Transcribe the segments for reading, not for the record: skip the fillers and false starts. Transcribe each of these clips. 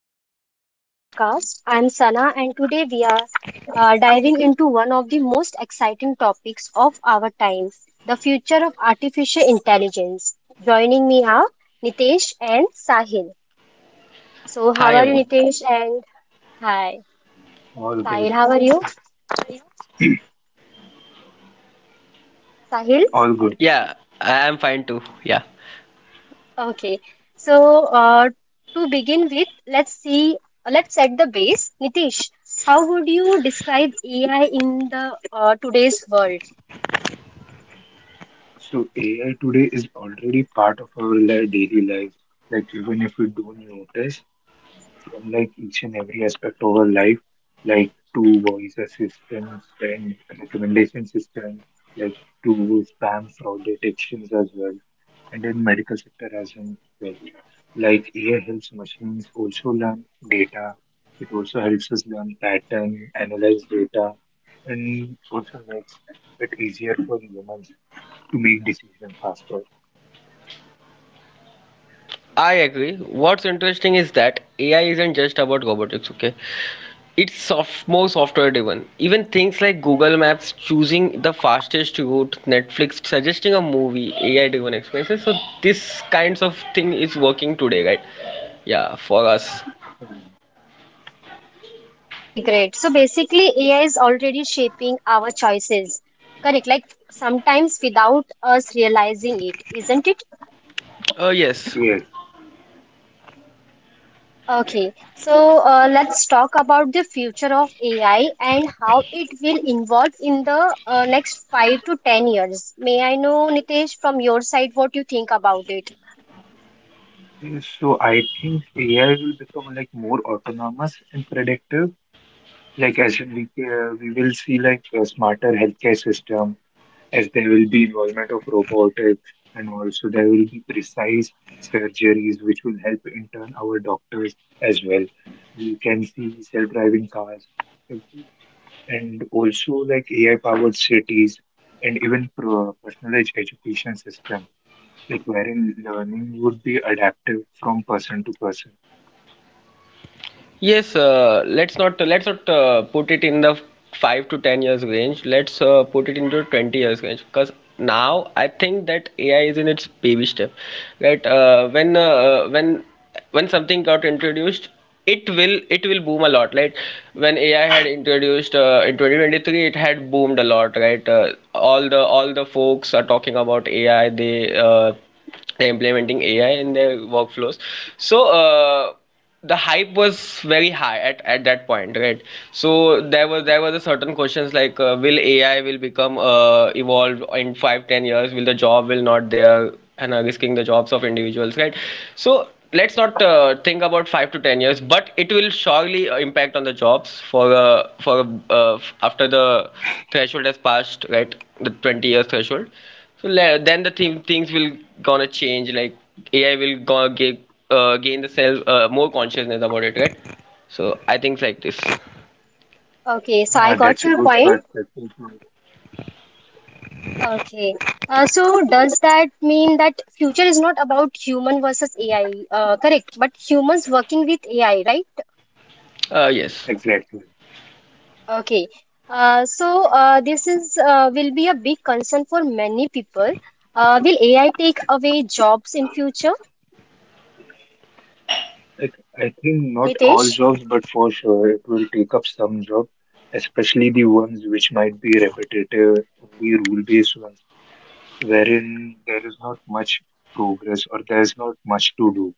welcome to today's podcast. I'm Sana and today we are diving into one of the most exciting topics of our time, the future of artificial intelligence. Joining me are Nitesh and Sahil. So how Hi are you everyone. Nitesh and hi All Yeah, Sahil, good, how are you? Sahil? all good. yeah, I am fine too. Yeah, Okay. So to begin with, let's set the base. Nitesh, how would you describe AI in the today's world? So AI today is already part of our daily lives, like even if we don't notice. From like each and every aspect of our life, like to voice assistance and recommendation system, like to spam fraud detections as well, and in medical sector as in well. Like AI helps machines also learn data. It also helps us learn pattern, analyze data, and also makes it easier for humans to make decisions faster. I agree. What's interesting is that AI isn't just about robotics. Okay, more software driven. Even things like Google Maps choosing the fastest route, Netflix suggesting a movie, AI driven experiences. So this kinds of thing is working today, right? Yeah, for us. Mm. Okay, great. So basically, AI is already shaping our choices. Correct, like sometimes without us realizing it, isn't it? Yes. Yes. Okay, so let's talk about the future of AI and how it will involve in the next 5 to 10 years. May I know, Nitesh, from your side, what you think about it? Okay, so I think AI will become like more autonomous and predictive. Like as we will see like a smarter healthcare system, as there will be involvement of robotics, and also there will be precise surgeries which will help in turn our doctors as well. We can see self-driving cars, and also like AI-powered cities, and even pro personalized education system, like wherein learning would be adaptive from person to person. Let's not put it in the 5 to 10 years range. Let's put it into 20 years range because now I think that AI is in its baby step. Right? When when something got introduced, it will boom a lot. Right? When AI had introduced in 2023, it had boomed a lot. Right? All the folks are talking about AI. They're implementing AI in their workflows. So uh, the hype was very high at that point, right? So there was a certain questions like will AI will become evolved in 5 10 years? Will the job will not there and risking the jobs of individuals, right? So let's not think about 5 to 10 years, but it will surely impact on the jobs after the threshold has passed, right? The 20 years threshold. So then the things will gonna change. Like AI will gonna gain the self, more consciousness about it, right? So I think like this. Okay, so I Ah, got that's a your good point. perspective. To- it. Okay, so does that mean that future is not about human versus AI, correct? But humans working with AI, right? Yes. Exactly. Okay, this is will be a big concern for many people. Will AI take away jobs in future, Like, I think not all Nitesh? jobs, but for sure it will take up some job, especially the ones which might be repetitive, the rule-based ones, wherein there is not much progress or there is not much to do.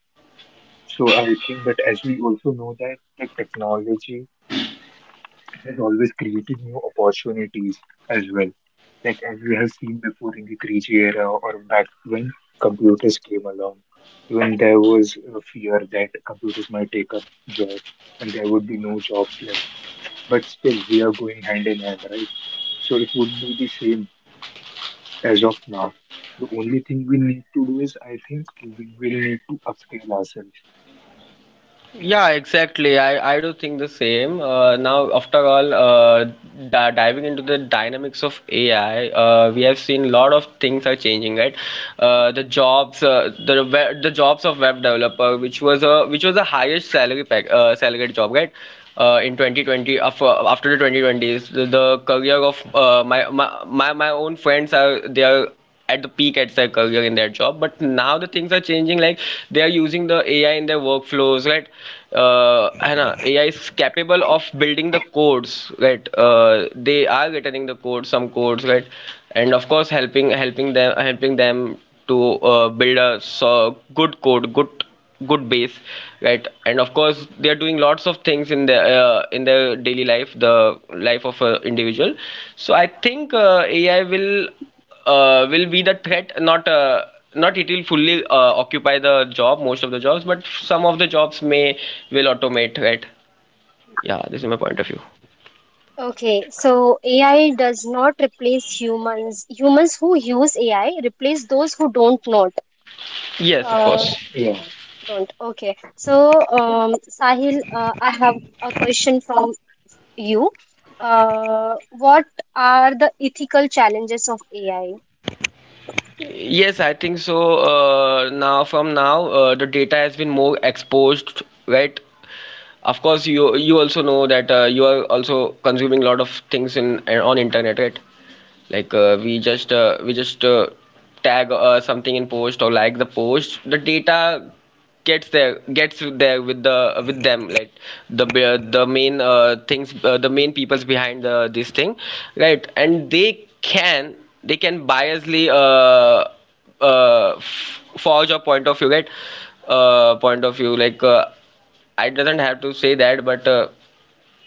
So I think, but as we also know that the technology is always creating new opportunities as well. Like as we have seen before in the 3G era or back when computers came along, when there was a fear that computers might take up job and there would be no jobs left. But still, we are going hand in hand, right? So it would be the same as of now. The only thing we need to do is, I think, we will need to upscale ourselves. Yeah, exactly. I do think the same. Now, after all, di diving into the dynamics of AI, we have seen a lot of things are changing, right? The jobs of web developer, which was the highest salary pack, salaried job, right? In 2020, after the 2020s, the career of my own friends are they are at the peak at their career in their job, but now the things are changing. Like they are using the AI in their workflows, right? And AI is capable of building the codes, right? They are returning the code, some codes, right? And of course, helping them to build a so good code, good good base, right? And of course they are doing lots of things in their, in their daily life, the life of an individual. So I think AI will, will be the threat, not it will fully occupy the job, most of the jobs, but some of the jobs may will automate, right? Yeah, this is my point of view. Okay, so AI does not replace humans. Humans who use AI replace those who don't not. Yes, of Uh, course. Yeah. don't. Okay, so Sahil, I have a question from you. What are the ethical challenges of AI? Yes, I think so. Now the data has been more exposed, right? Of course, you also know that you are also consuming a lot of things in, on internet, right? Like we just tag something in post, or like the post, the data gets there with the with them, like the, the main things, the main people's behind the, this thing, right? And they can biasly forge a point of view, right? Point of view like, I doesn't have to say that, but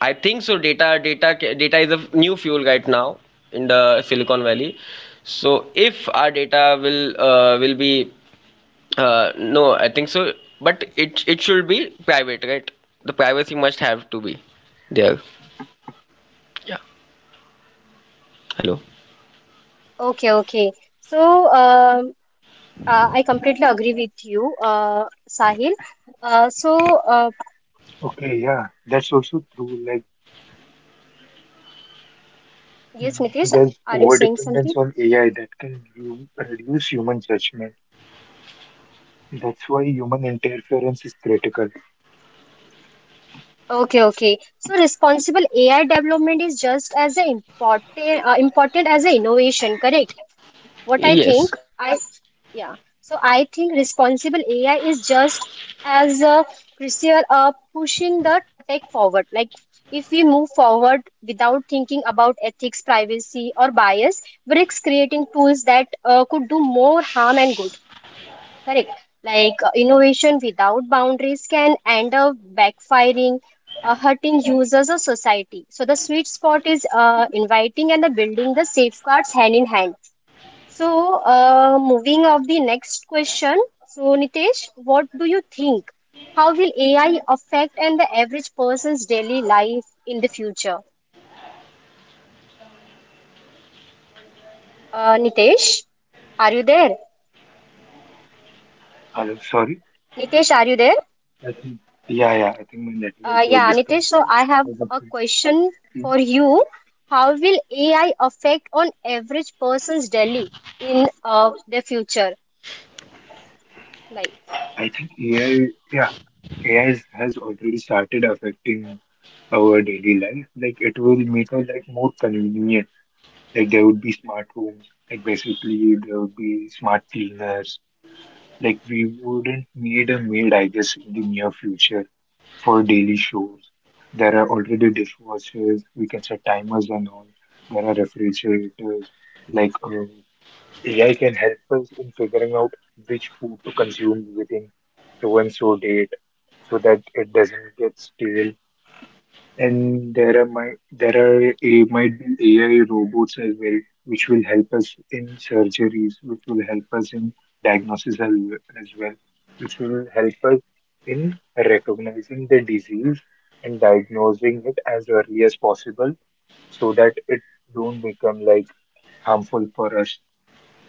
I think so. Data is a new fuel right now in the Silicon Valley. So if our data will, will be, no, I think so. But it should be private, right? The privacy must have to be there. Hello. Okay, okay. So. I completely agree with you, Sahil. Uh, so, uh, Okay. Yeah. That's also true. Like yes, mm, Nitish, there's are you saying overdependence something? on AI that can reduce human judgment. That's why human interference is critical. Okay, okay. So, responsible AI development is just as important as the innovation, correct? What I Yes. think, I yeah. So I think responsible AI is just as crucial pushing the tech forward. Like if we move forward without thinking about ethics, privacy, or bias, we risk creating tools that could do more harm and good. Correct. Like innovation without boundaries can end up backfiring, hurting users or society. So the sweet spot is inviting and the building the safeguards hand in hand. So, moving of the next question. So, Nitesh, what do you think? How will AI affect and the average person's daily life in the future? Nitesh, are you there? Hello, sorry. Nitesh, are you there? I think, yeah, I think my network got Yeah, Nitesh. So, disconnected I have because of a it. question Mm. for you. How will AI affect on average person's daily in the future life? I think AI has already started affecting our daily life. Like it will make us like more convenient. Like there would be smart homes. Like basically there would be smart cleaners. Like we wouldn't need a maid, I guess, in the near future for daily chores. There are already dishwashers. We can set timers and all. There are refrigerators. Like uh, AI can help us in figuring out which food to consume within so and so date so that it doesn't get stale. And there are might be AI robots as well, which will help us in surgeries, which will help us in diagnosis as well, which will help us in recognizing the disease and diagnosing it as early as possible so that it don't become like harmful for us,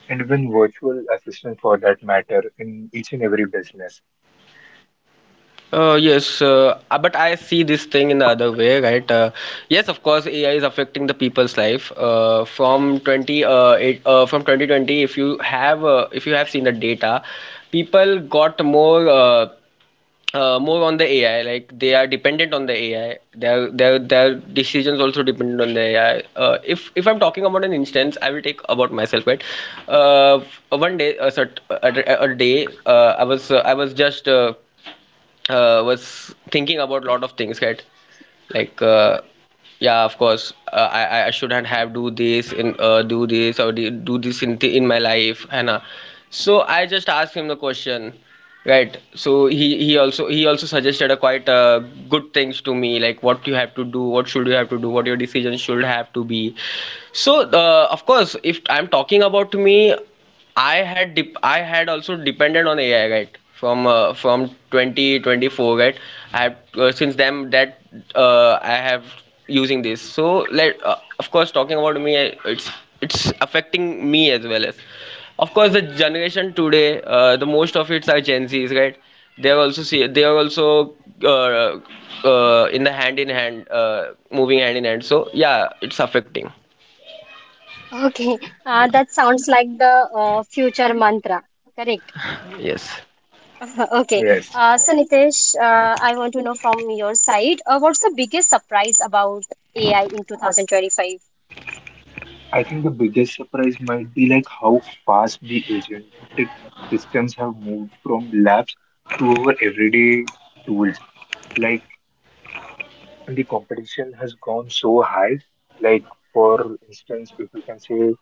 and even virtual assistant for that matter in each and every business. Yes, but I see this thing in the other way, right? Yes, of course, AI is affecting the people's life. From 2020, if you have seen the data, people got more, more on the AI. Like they are dependent on the AI. Their decisions also dependent on the AI. If I'm talking about an instance, I will take about myself, right? One day, a cert, a day, I was just was thinking about lot of things, right? Like, yeah of course, I shouldn't have do this, in do this or do this in, in my life. And so I just asked him the question, right? So he also suggested a quite, good things to me, like what you have to do, what should you have to do, what your decision should have to be. So of course, if I'm talking about me, I had also depended on AI, right, from 2024, right? I have, since then that, I have using this. So let Of course, talking about me, it's affecting me as well, as of course the generation today. The most of it's are Gen Z's, right? They are also see they are also, uh, in the hand in hand, moving hand in hand. So yeah, it's affecting. Okay, Yeah. that sounds like the future mantra. Correct. Yes. Okay. Yes, So Nitesh, I want to know from your side, what's the biggest surprise about AI in 2025? I think the biggest surprise might be like how fast the agentic systems have moved from labs to our everyday tools. Like and the competition has gone so high. Like for instance, if we can say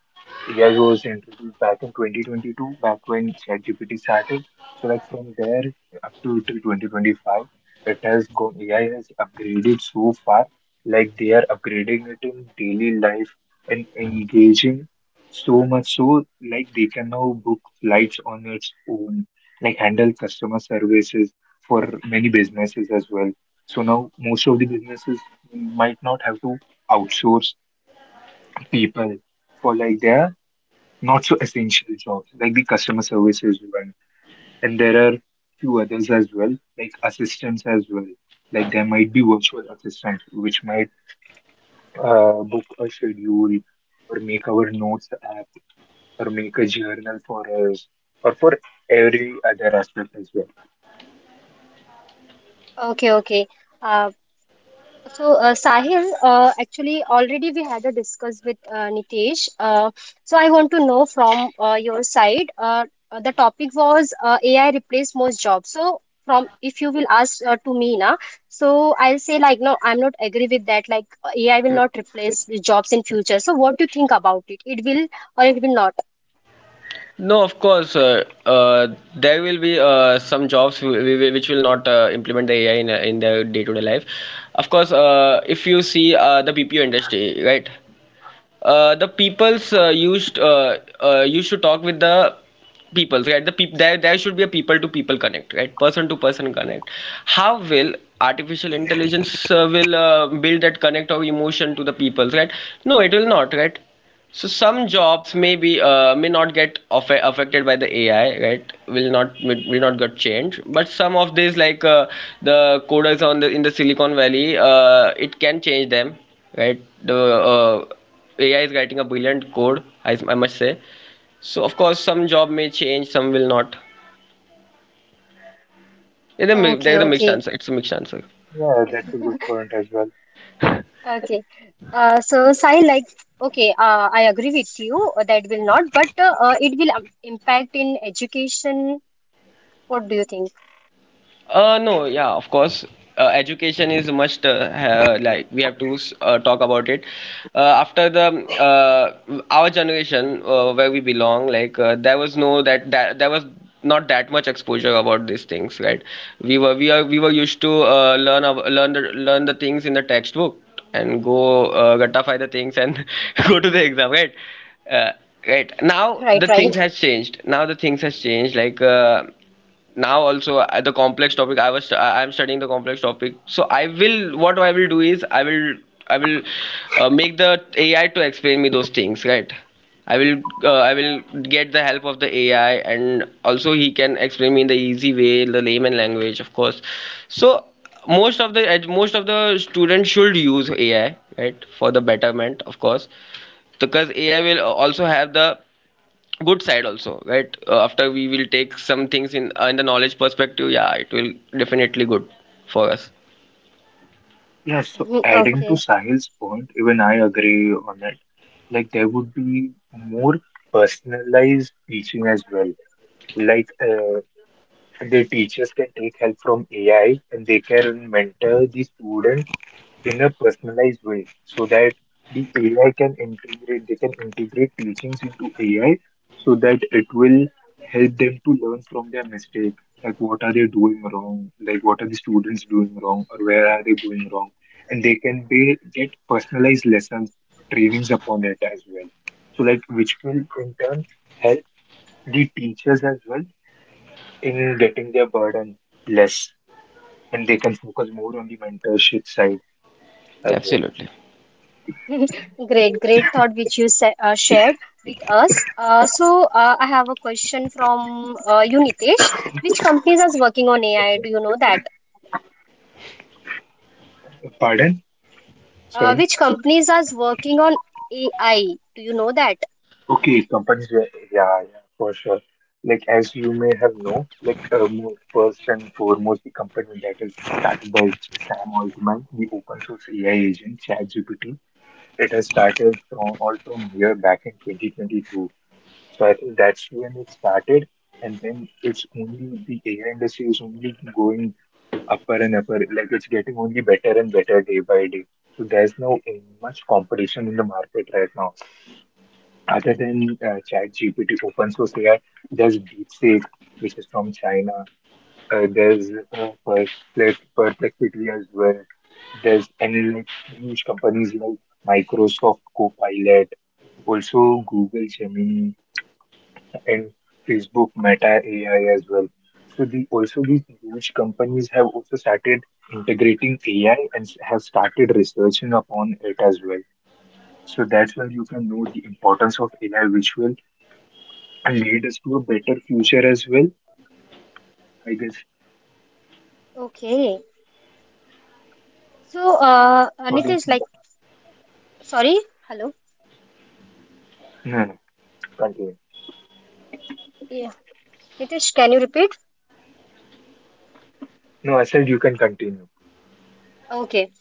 AI was introduced back in 2022, back when ChatGPT started. So like from there up to till 2025, it has gone. AI has upgraded so far. Like they are upgrading it in daily life and engaging so much so like they can now book flights on its own, like handle customer services for many businesses as well, so now most of the businesses might not have to outsource people for like their not so essential jobs, like the customer services one. And there are few others as well, like assistants as well. Like there might be virtual assistants which might book a schedule or make our notes app or make a journal for us or for every other aspect as well. Okay, okay. Uh, so, Sahil, actually, already we had a discuss with Nitesh. So, I want to know from your side. Uh, the topic was AI replace most jobs. So, from if you will ask to me na, so I'll say like no, I'm not agree with that. Like AI will not replace the jobs in future. So, what do you think about it? It will or it will not? No, of course, there will be some jobs which will not implement the AI in their day-to-day life. Of course, if you see the BPO industry, right? The people's used to talk with the peoples, right? There there should be a people-to-people connect, right? Person-to-person connect. How will artificial intelligence will build that connect of emotion to the peoples, right? No, it will not, right? So some jobs maybe, may not get affected by the AI, right? Will not, will not get changed. But some of these, like the coders on the in the Silicon Valley, it can change them, right? The AI is writing a brilliant code, I must say. So of course, some job may change, some will not. There Okay, is a mixed okay. answer. It's a mixed answer. Yeah, that's a good point as well. Okay. So, Sai, like, okay, I agree with you that will not, but it will impact in education. What do you think? No, yeah, of course. Education is must. Like we have to talk about it. After the our generation, where we belong, like, there was no that that there was not that much exposure about these things, right? We were used to learn the things in the textbook, and go gratify the things, and go to the exam, right? Uh, right now Right, the things right. has changed, like, now also the complex topic I was I- I'm studying the complex topic, so I will what I will do is I will make the AI to explain me those things, right? I will get the help of the AI, and also he can explain me in the easy way, the layman language, of course. So most of most of the students should use AI, right, for the betterment, of course. Because AI will, also have the good side also, right? After we will take some things in, in the knowledge perspective, yeah, it will definitely good for us. Yeah, so Mhm. adding to Okay. Sahil's point, even I agree on it. Like there would be more personalized teaching as well. Like uh, the teachers can take help from AI and they can mentor the student in a personalized way so that they can integrate teachings into AI so that it will help them to learn from their mistake. Like, what are they doing wrong? Like, what are the students doing wrong? Or where are they going wrong? And they can get personalized lessons, trainings upon it as well. So, like, which will in turn help the teachers as well in getting their burden less and they can focus more on the mentorship side as well. Absolutely. Great, great thought which you sa shared with us. So, I have a question from you, Nitesh. Which companies are working on AI? Do you know that? Pardon? Sorry. Which companies are working on AI? Do you know that? Okay, companies. Yeah, yeah, for sure. Like as you may have known, like first and foremost, the company that is started by Sam Altman, the open source AI agent ChatGPT. It has started from all from here back in 2022. So I think that's when it started, and then it's only the AI industry is only going upper and upper. Like it's getting only better and better day by day. So there's no much competition in the market right now. Other than ChatGPT, open source AI, there's DeepSeek, which is from China. There's Perplexity as well. There's and like huge companies like Microsoft Copilot, also Google Gemini and Facebook Meta AI as well. So the also these huge companies have also started integrating AI and have started researching upon it as well. So that's where you can know the importance of AI, which will and lead us to a better future as well, I guess. Okay. So, What do you Nitesh, think? like, sorry, hello. No, no, continue. Nitish, can you repeat? No, I said you can continue. Okay.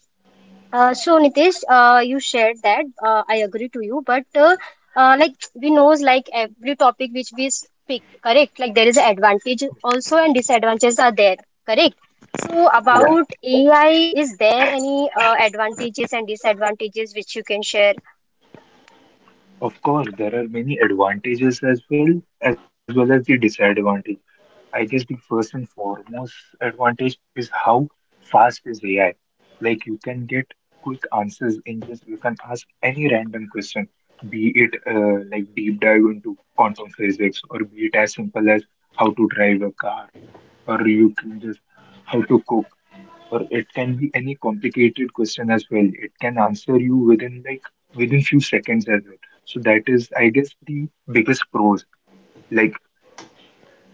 So Nitish, you shared that. I agree to you, but like we knows like every topic which we speak, correct? Like there is an advantage also and disadvantages are there, correct? So Yeah. about AI, is there any advantages and disadvantages which you can share? Of course, there are many advantages as well, as well as the disadvantage. I guess the first and foremost advantage is how fast is AI. Like you can get quick answers in just you can ask any random question, be it like deep dive into quantum physics, or be it as simple as how to drive a car, or you can just how to cook or it can be any complicated question as well. It can answer you within within few seconds as well. So that is, I guess, the biggest pros. Like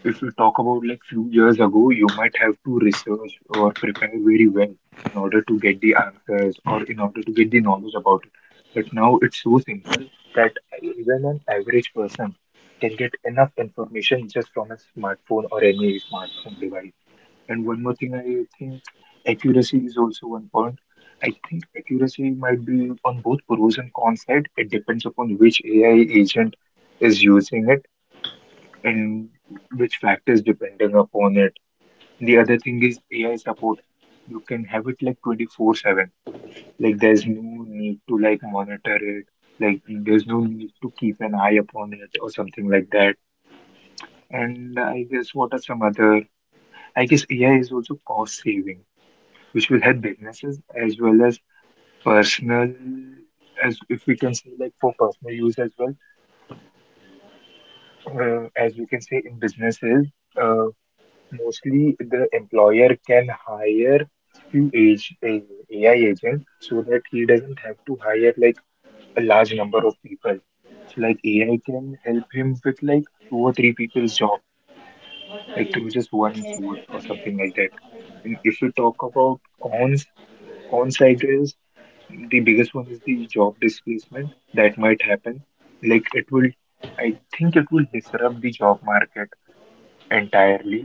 if you talk about like few years ago, you might have to research or prepare very well in order to get the answers or in order to get the knowledge about it. But now it's so simple that even an average person can get enough information just from a smartphone or any smartphone device. And one more thing, I think accuracy is also one point. I think accuracy might be on both pros and cons side. It depends upon which AI agent is using it and which factors depending upon it. The other thing is AI support. You can have it like 24/7. Like there's no need to like monitor it. Like there's no need to keep an eye upon it or something like that. And I guess what are some other, I guess AI is also cost saving, which will help businesses as well as personal, as if we can say like for personal use as well. As we can say in businesses, uh, mostly the employer can hire few age a AI agent so that he doesn't have to hire like a large number of people. So like AI can help him with like two or three people's job, like through just one Okay. source or something like that. And if we talk about cons, cons I guess the biggest one is the job displacement that might happen. Like it will, I think it will disrupt the job market entirely,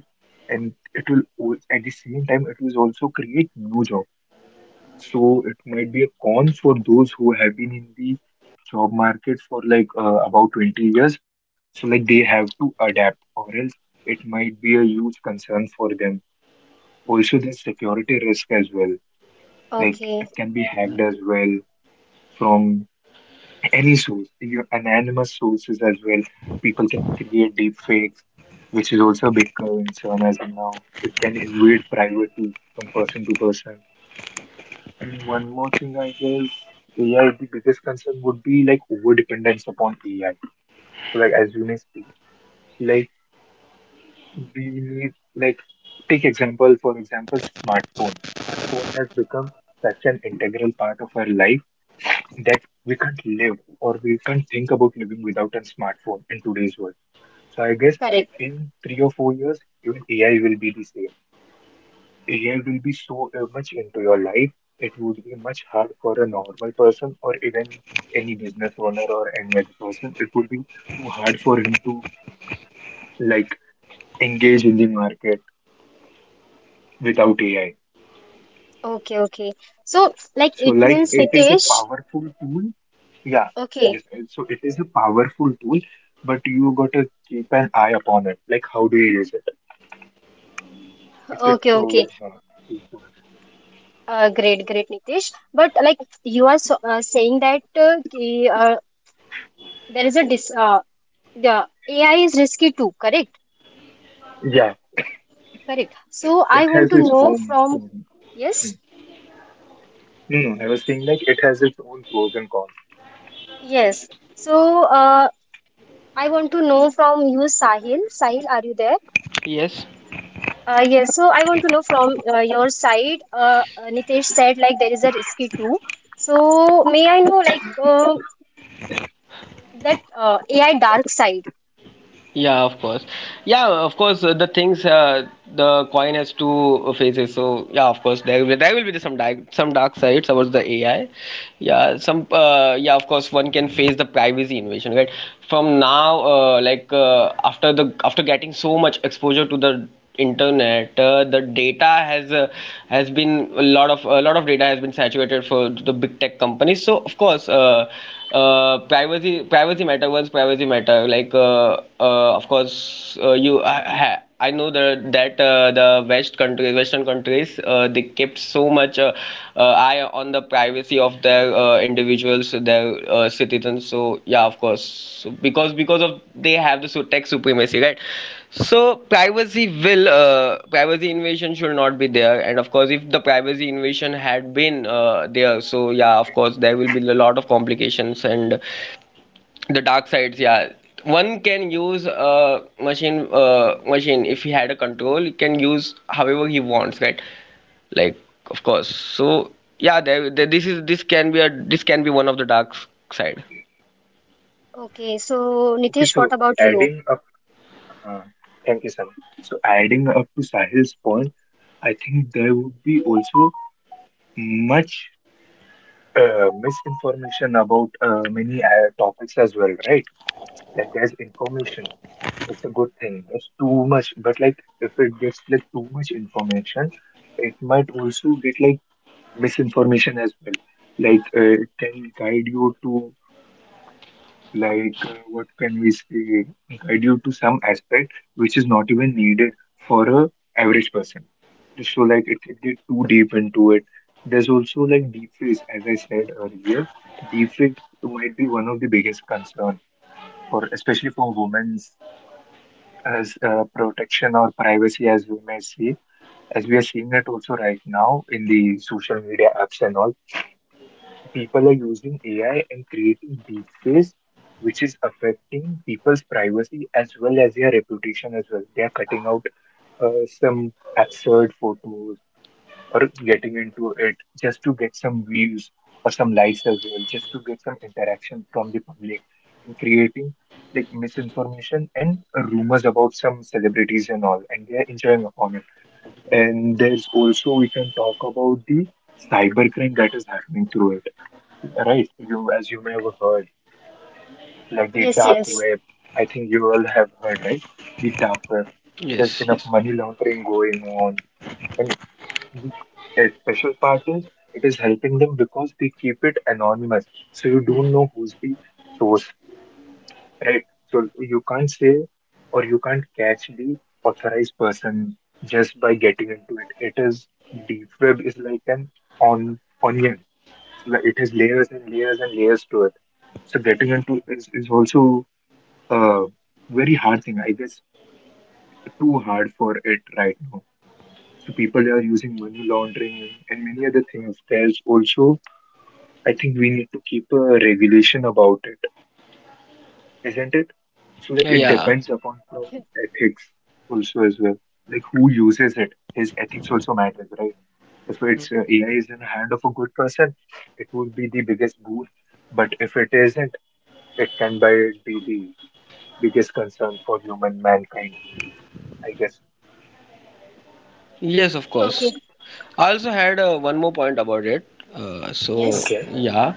and it will at the same time it will also create new jobs. So it might be a con for those who have been in the job market for like about 20 years. So like they have to adapt, or else it might be a huge concern for them. Also, there's security risk as well. Like it Okay. can be hacked as well from any source, you, anonymous sources as well. People can create deep fakes, which is also a big concern as of now. It can invade privacy from person to person. And one more thing, I guess, AI, the biggest concern would be like over dependence upon AI. So, like, as you may speak, like, we need, like, take example, for example, smartphones. Smartphone has become such an integral part of our life that we can't live or we can't think about living without a smartphone in today's world. So I guess Correct. in 3 or 4 years, even AI will be the same. AI will be so much into your life, it would be much hard for a normal person or even any business owner or any other person. It would be too hard for him to like engage in the market without AI. Okay. Okay. So like So it like means it is a Nitish. powerful tool, yeah, Okay. yes. So it is a powerful tool, but you got to keep an eye upon it. Like, how do you use it? It's a Okay. Okay. tool. Great, great, Nitish. But like you are so, saying that ki, there is a dis the AI is risky too, correct? Yeah, Correct. So it I want has to its know own. from own- mm. yes, No, no, I was saying like it has its own pros and cons. yes. So I want to know from you, Sahil. Sahil, are you there? Yes. Yes. So I want to know from your side. Uh, Nitish said like there is a risky too. So may I know like that AI dark side? Yeah, of course. Yeah, of course, the coin has two faces. So yeah, of course, there will be some dark, some dark sides about the AI. Yeah. some Yeah, of course, one can face the privacy invasion, right? From now, like, after the, after getting so much exposure to the internet, the data has, has been a lot of data has been saturated for the big tech companies. So of course, privacy matter, once privacy matter, like, of course, I know the, that, the western countries, they kept so much, eye on the privacy of their, individuals, their, citizens. So yeah, of course, so because of they have the so tech supremacy, right? So privacy will, privacy invasion should not be there, and of course, if the privacy invasion had been, there, so yeah, of course, there will be a lot of complications and the dark sides. Yeah, one can use a machine, machine, if he had a control he can use however he wants, right? Like, of course, so yeah, there, this is this can be a, this can be one of the dark side. Okay. So Okay, Nitish, what so about you? adding up. Uh, Thank you, Sam. So adding up to Sahil's point, I think there would be also much misinformation about many topics as well, right? Like, there's information. It's a good thing. It's too much, but like if it gets like too much information, it might also get like misinformation as well. Like it can guide you to like what can we say? Guide you to some aspect which is not even needed for a average person. So like it can get too deep into it. There's also like deepfakes, as I said earlier. Deepfake might be one of the biggest concern for especially for women as protection or privacy as we may see, as we are seeing it also right now in the social media apps and all, people are using AI and creating deepfakes, which is affecting people's privacy as well as their reputation as well. They are cutting out uh, some absurd photos or getting into it just to get some views or some likes as well, just to get some interaction from the public and creating like misinformation and rumors about some celebrities and all, and they're enjoying upon it. And there's also we can talk about the cybercrime that is happening through it, right? You, as you may have heard, like the Yes, dark yes. web. I think you all have heard, right? The dark web. There's Yes, been of yes. money laundering going on and. The special part is it is helping them because they keep it anonymous. So you don't know who's the source, right? So you can't say or you can't catch the authorized person just by getting into it. It is deep web is like an on onion. So like it has layers and layers and layers to it. So getting into is, also a very hard thing. I guess too hard for it right now. So people are using money laundering and many other things. There's also, I think we need to keep a regulation about it, isn't it? So like Yeah, it yeah. depends upon from ethics also as well. Like who uses it, his ethics also matters, right? If it's AI is in the hand of a good person, it would be the biggest boon. But if it isn't, it can by be the biggest concern for human mankind, I guess. Yes, of Okay. course. I also had one more point about it. So Yes. Okay. yeah,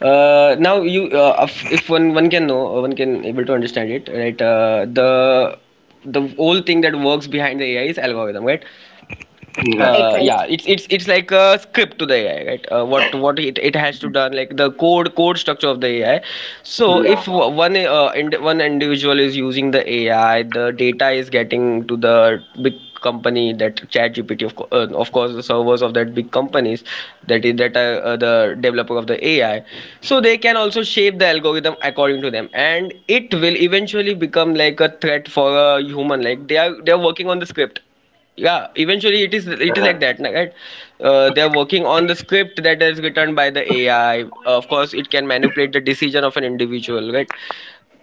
now you if one can know, one can able to understand it, right? The whole thing that works behind the AI is algorithm, right? Yeah. Right, uh, right. yeah it's it's it's like a script to the AI, right? What it has to Mm-hmm. done, like the code structure of the AI. So if Yeah, w- one uh, ind- one individual is using the AI, the data is getting to the big company, that chat gpt of course the servers of that big companies, that are, the developer of the AI. So they can also shape the algorithm according to them, and it will eventually become like a threat for a human. Like they are working on the script. Yeah, eventually it is, it is like right. that na, right? They're working on the script that is written by the AI. Of course it can manipulate the decision of an individual, right?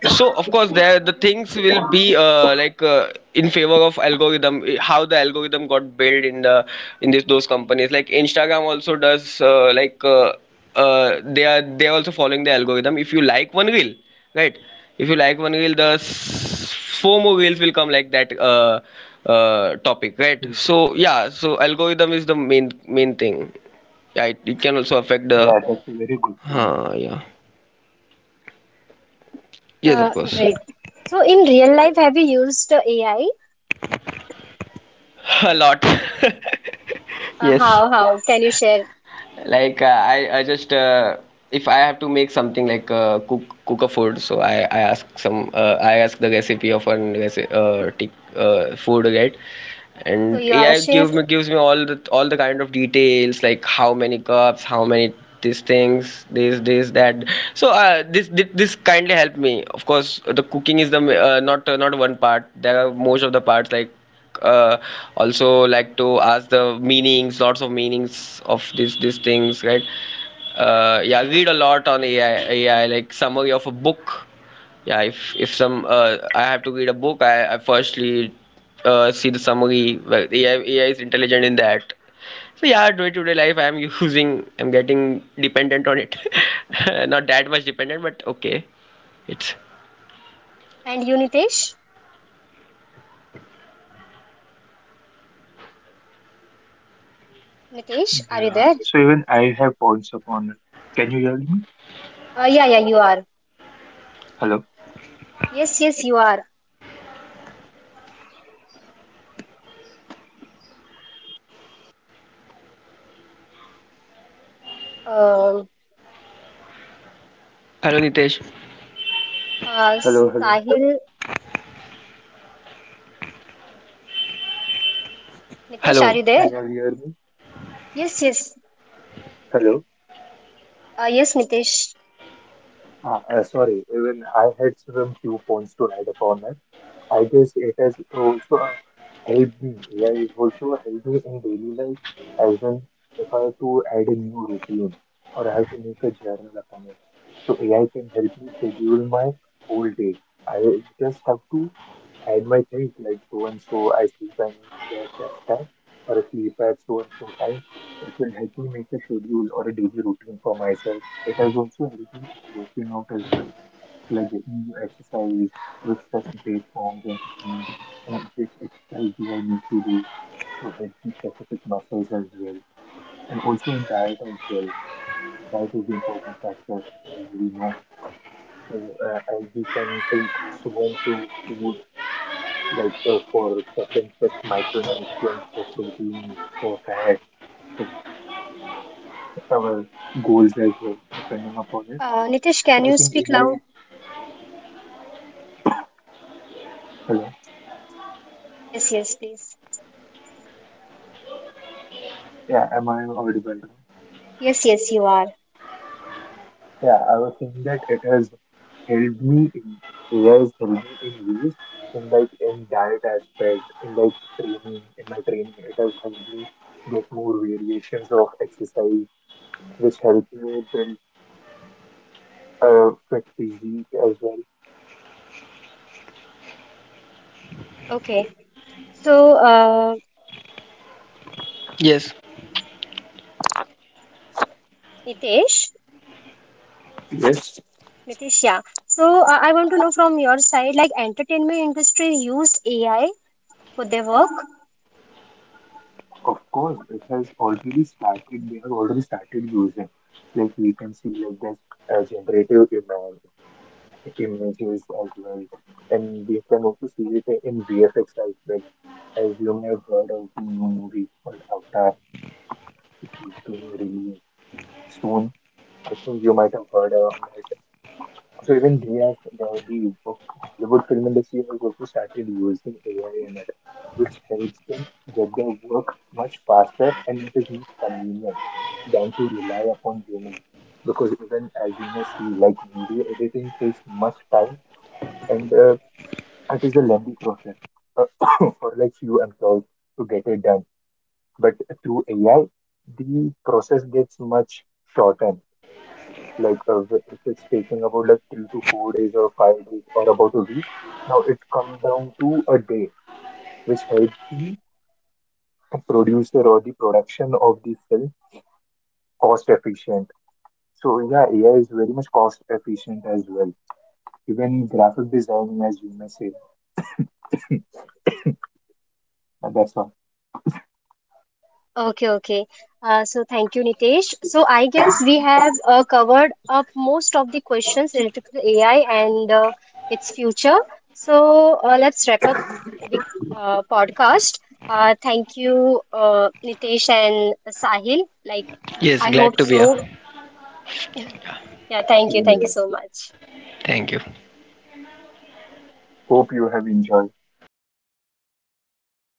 So of course there the things will be, like, in favor of algorithm, eh, how the algorithm got built in the, in this those companies. Like Instagram also does, like they are also following the algorithm. If you like one reel, right? If you like one reel, four more reels will come, like that, topic, right? Mm. So yeah, so algorithm is the main thing. Yeah, it can also affect the. Yeah, that's a very good point. Yeah. Yes, of course. Great. So in real life, have you used AI? A lot. Yes, How, how? Can you share? like, I just if I have to make something like, cook a food, so I ask the recipe of an food, right, So and you are a AI chef gives me all the kind of details, like how many cups, how many these things this this that so this kindly helped me. Of course the cooking is the ma- not not one part, there are most of the parts, like, uh, also like to ask the meanings, lots of meanings of these things, right? Yeah, read a lot on AI, like summary of a book. Yeah, if some I have to read a book, I firstly, see the summary. Well, AI is intelligent in that. So yeah, day-to-day life I'm using, I'm getting dependent on it. Not that much dependent, but okay. It's. and you, Nitesh? Nitesh, are you Yeah, there? so even I have points upon it. Can you hear me? Yeah, yeah, you are. Hello? Yes, yes, you are. Um, Hello Nitesh. uh, Sahil, Nitesh, are Hello. you there? Can you all hear me? Yes, yes. Hello. Yes, Nitesh. Sorry, even I had some few points to write upon it. I guess it has also helped me. Yeah, it also helped me in daily life as in if I have to add a new routine or I have to make a journal upon it. So AI can help me schedule my whole day. I just have to add my things like so and so I sleep at their that time or I sleep at so and so time. It will help me make a schedule or a daily routine for myself. It has also helped me in working out as well. It's like getting new exercise with such great forms and techniques and which exercise do I need to do to hit the specific muscles as well. And also in diet as well. Diet is an important factor as we know and we can take so into food like for certain such micronutrients, for protein, for fat, for our goals as well, depending upon it. Nitesh, can So I you think it speak loud? is, hello. Yes, yes, please. Yeah, am I audible now? Yes, yes, you are. Yeah, I was saying that it has helped me in AI has helped me in ways in like in diet aspect, in like training, in my training, it has helped me get more variations of exercise, which helped me build a fit physique as well. Okay. So, Yes, Nitesh, Yes, Nitisha, so I want to know from your side, like entertainment industry used AI for their work? of course, it has already started. They have already started using. Like we can see, like this generative I images as well. And we can also see it in VFX as well. As you may have heard of the new movie called Avatar, which is being released soon. I think you might have heard of it. So even they have the Hollywood film industry has also started using AI in it, which helps them get their work much faster and it is much convenient than to rely upon humans because even as you may see, like video editing takes much time and it is a lengthy process uh, for like few employees to get it done. But through AI, the process gets much shortened. Like if it's taking about like 3 to 4 days or 5 days or about a week, now it comes down to a day, which helps the producer or the production of the film cost efficient. So yeah, AI is very much cost efficient as well. Even graphic designing, as you may say, and that's all. Okay, okay. So thank you, Nitesh. So I guess we have covered up most of the questions related to the AI and its future. So let's wrap up the podcast. Thank you, Nitesh and Sahil. Like yes, I glad hope to be here. so. Yeah, Even thank you AI. so much. Thank you. Hope you have enjoyed.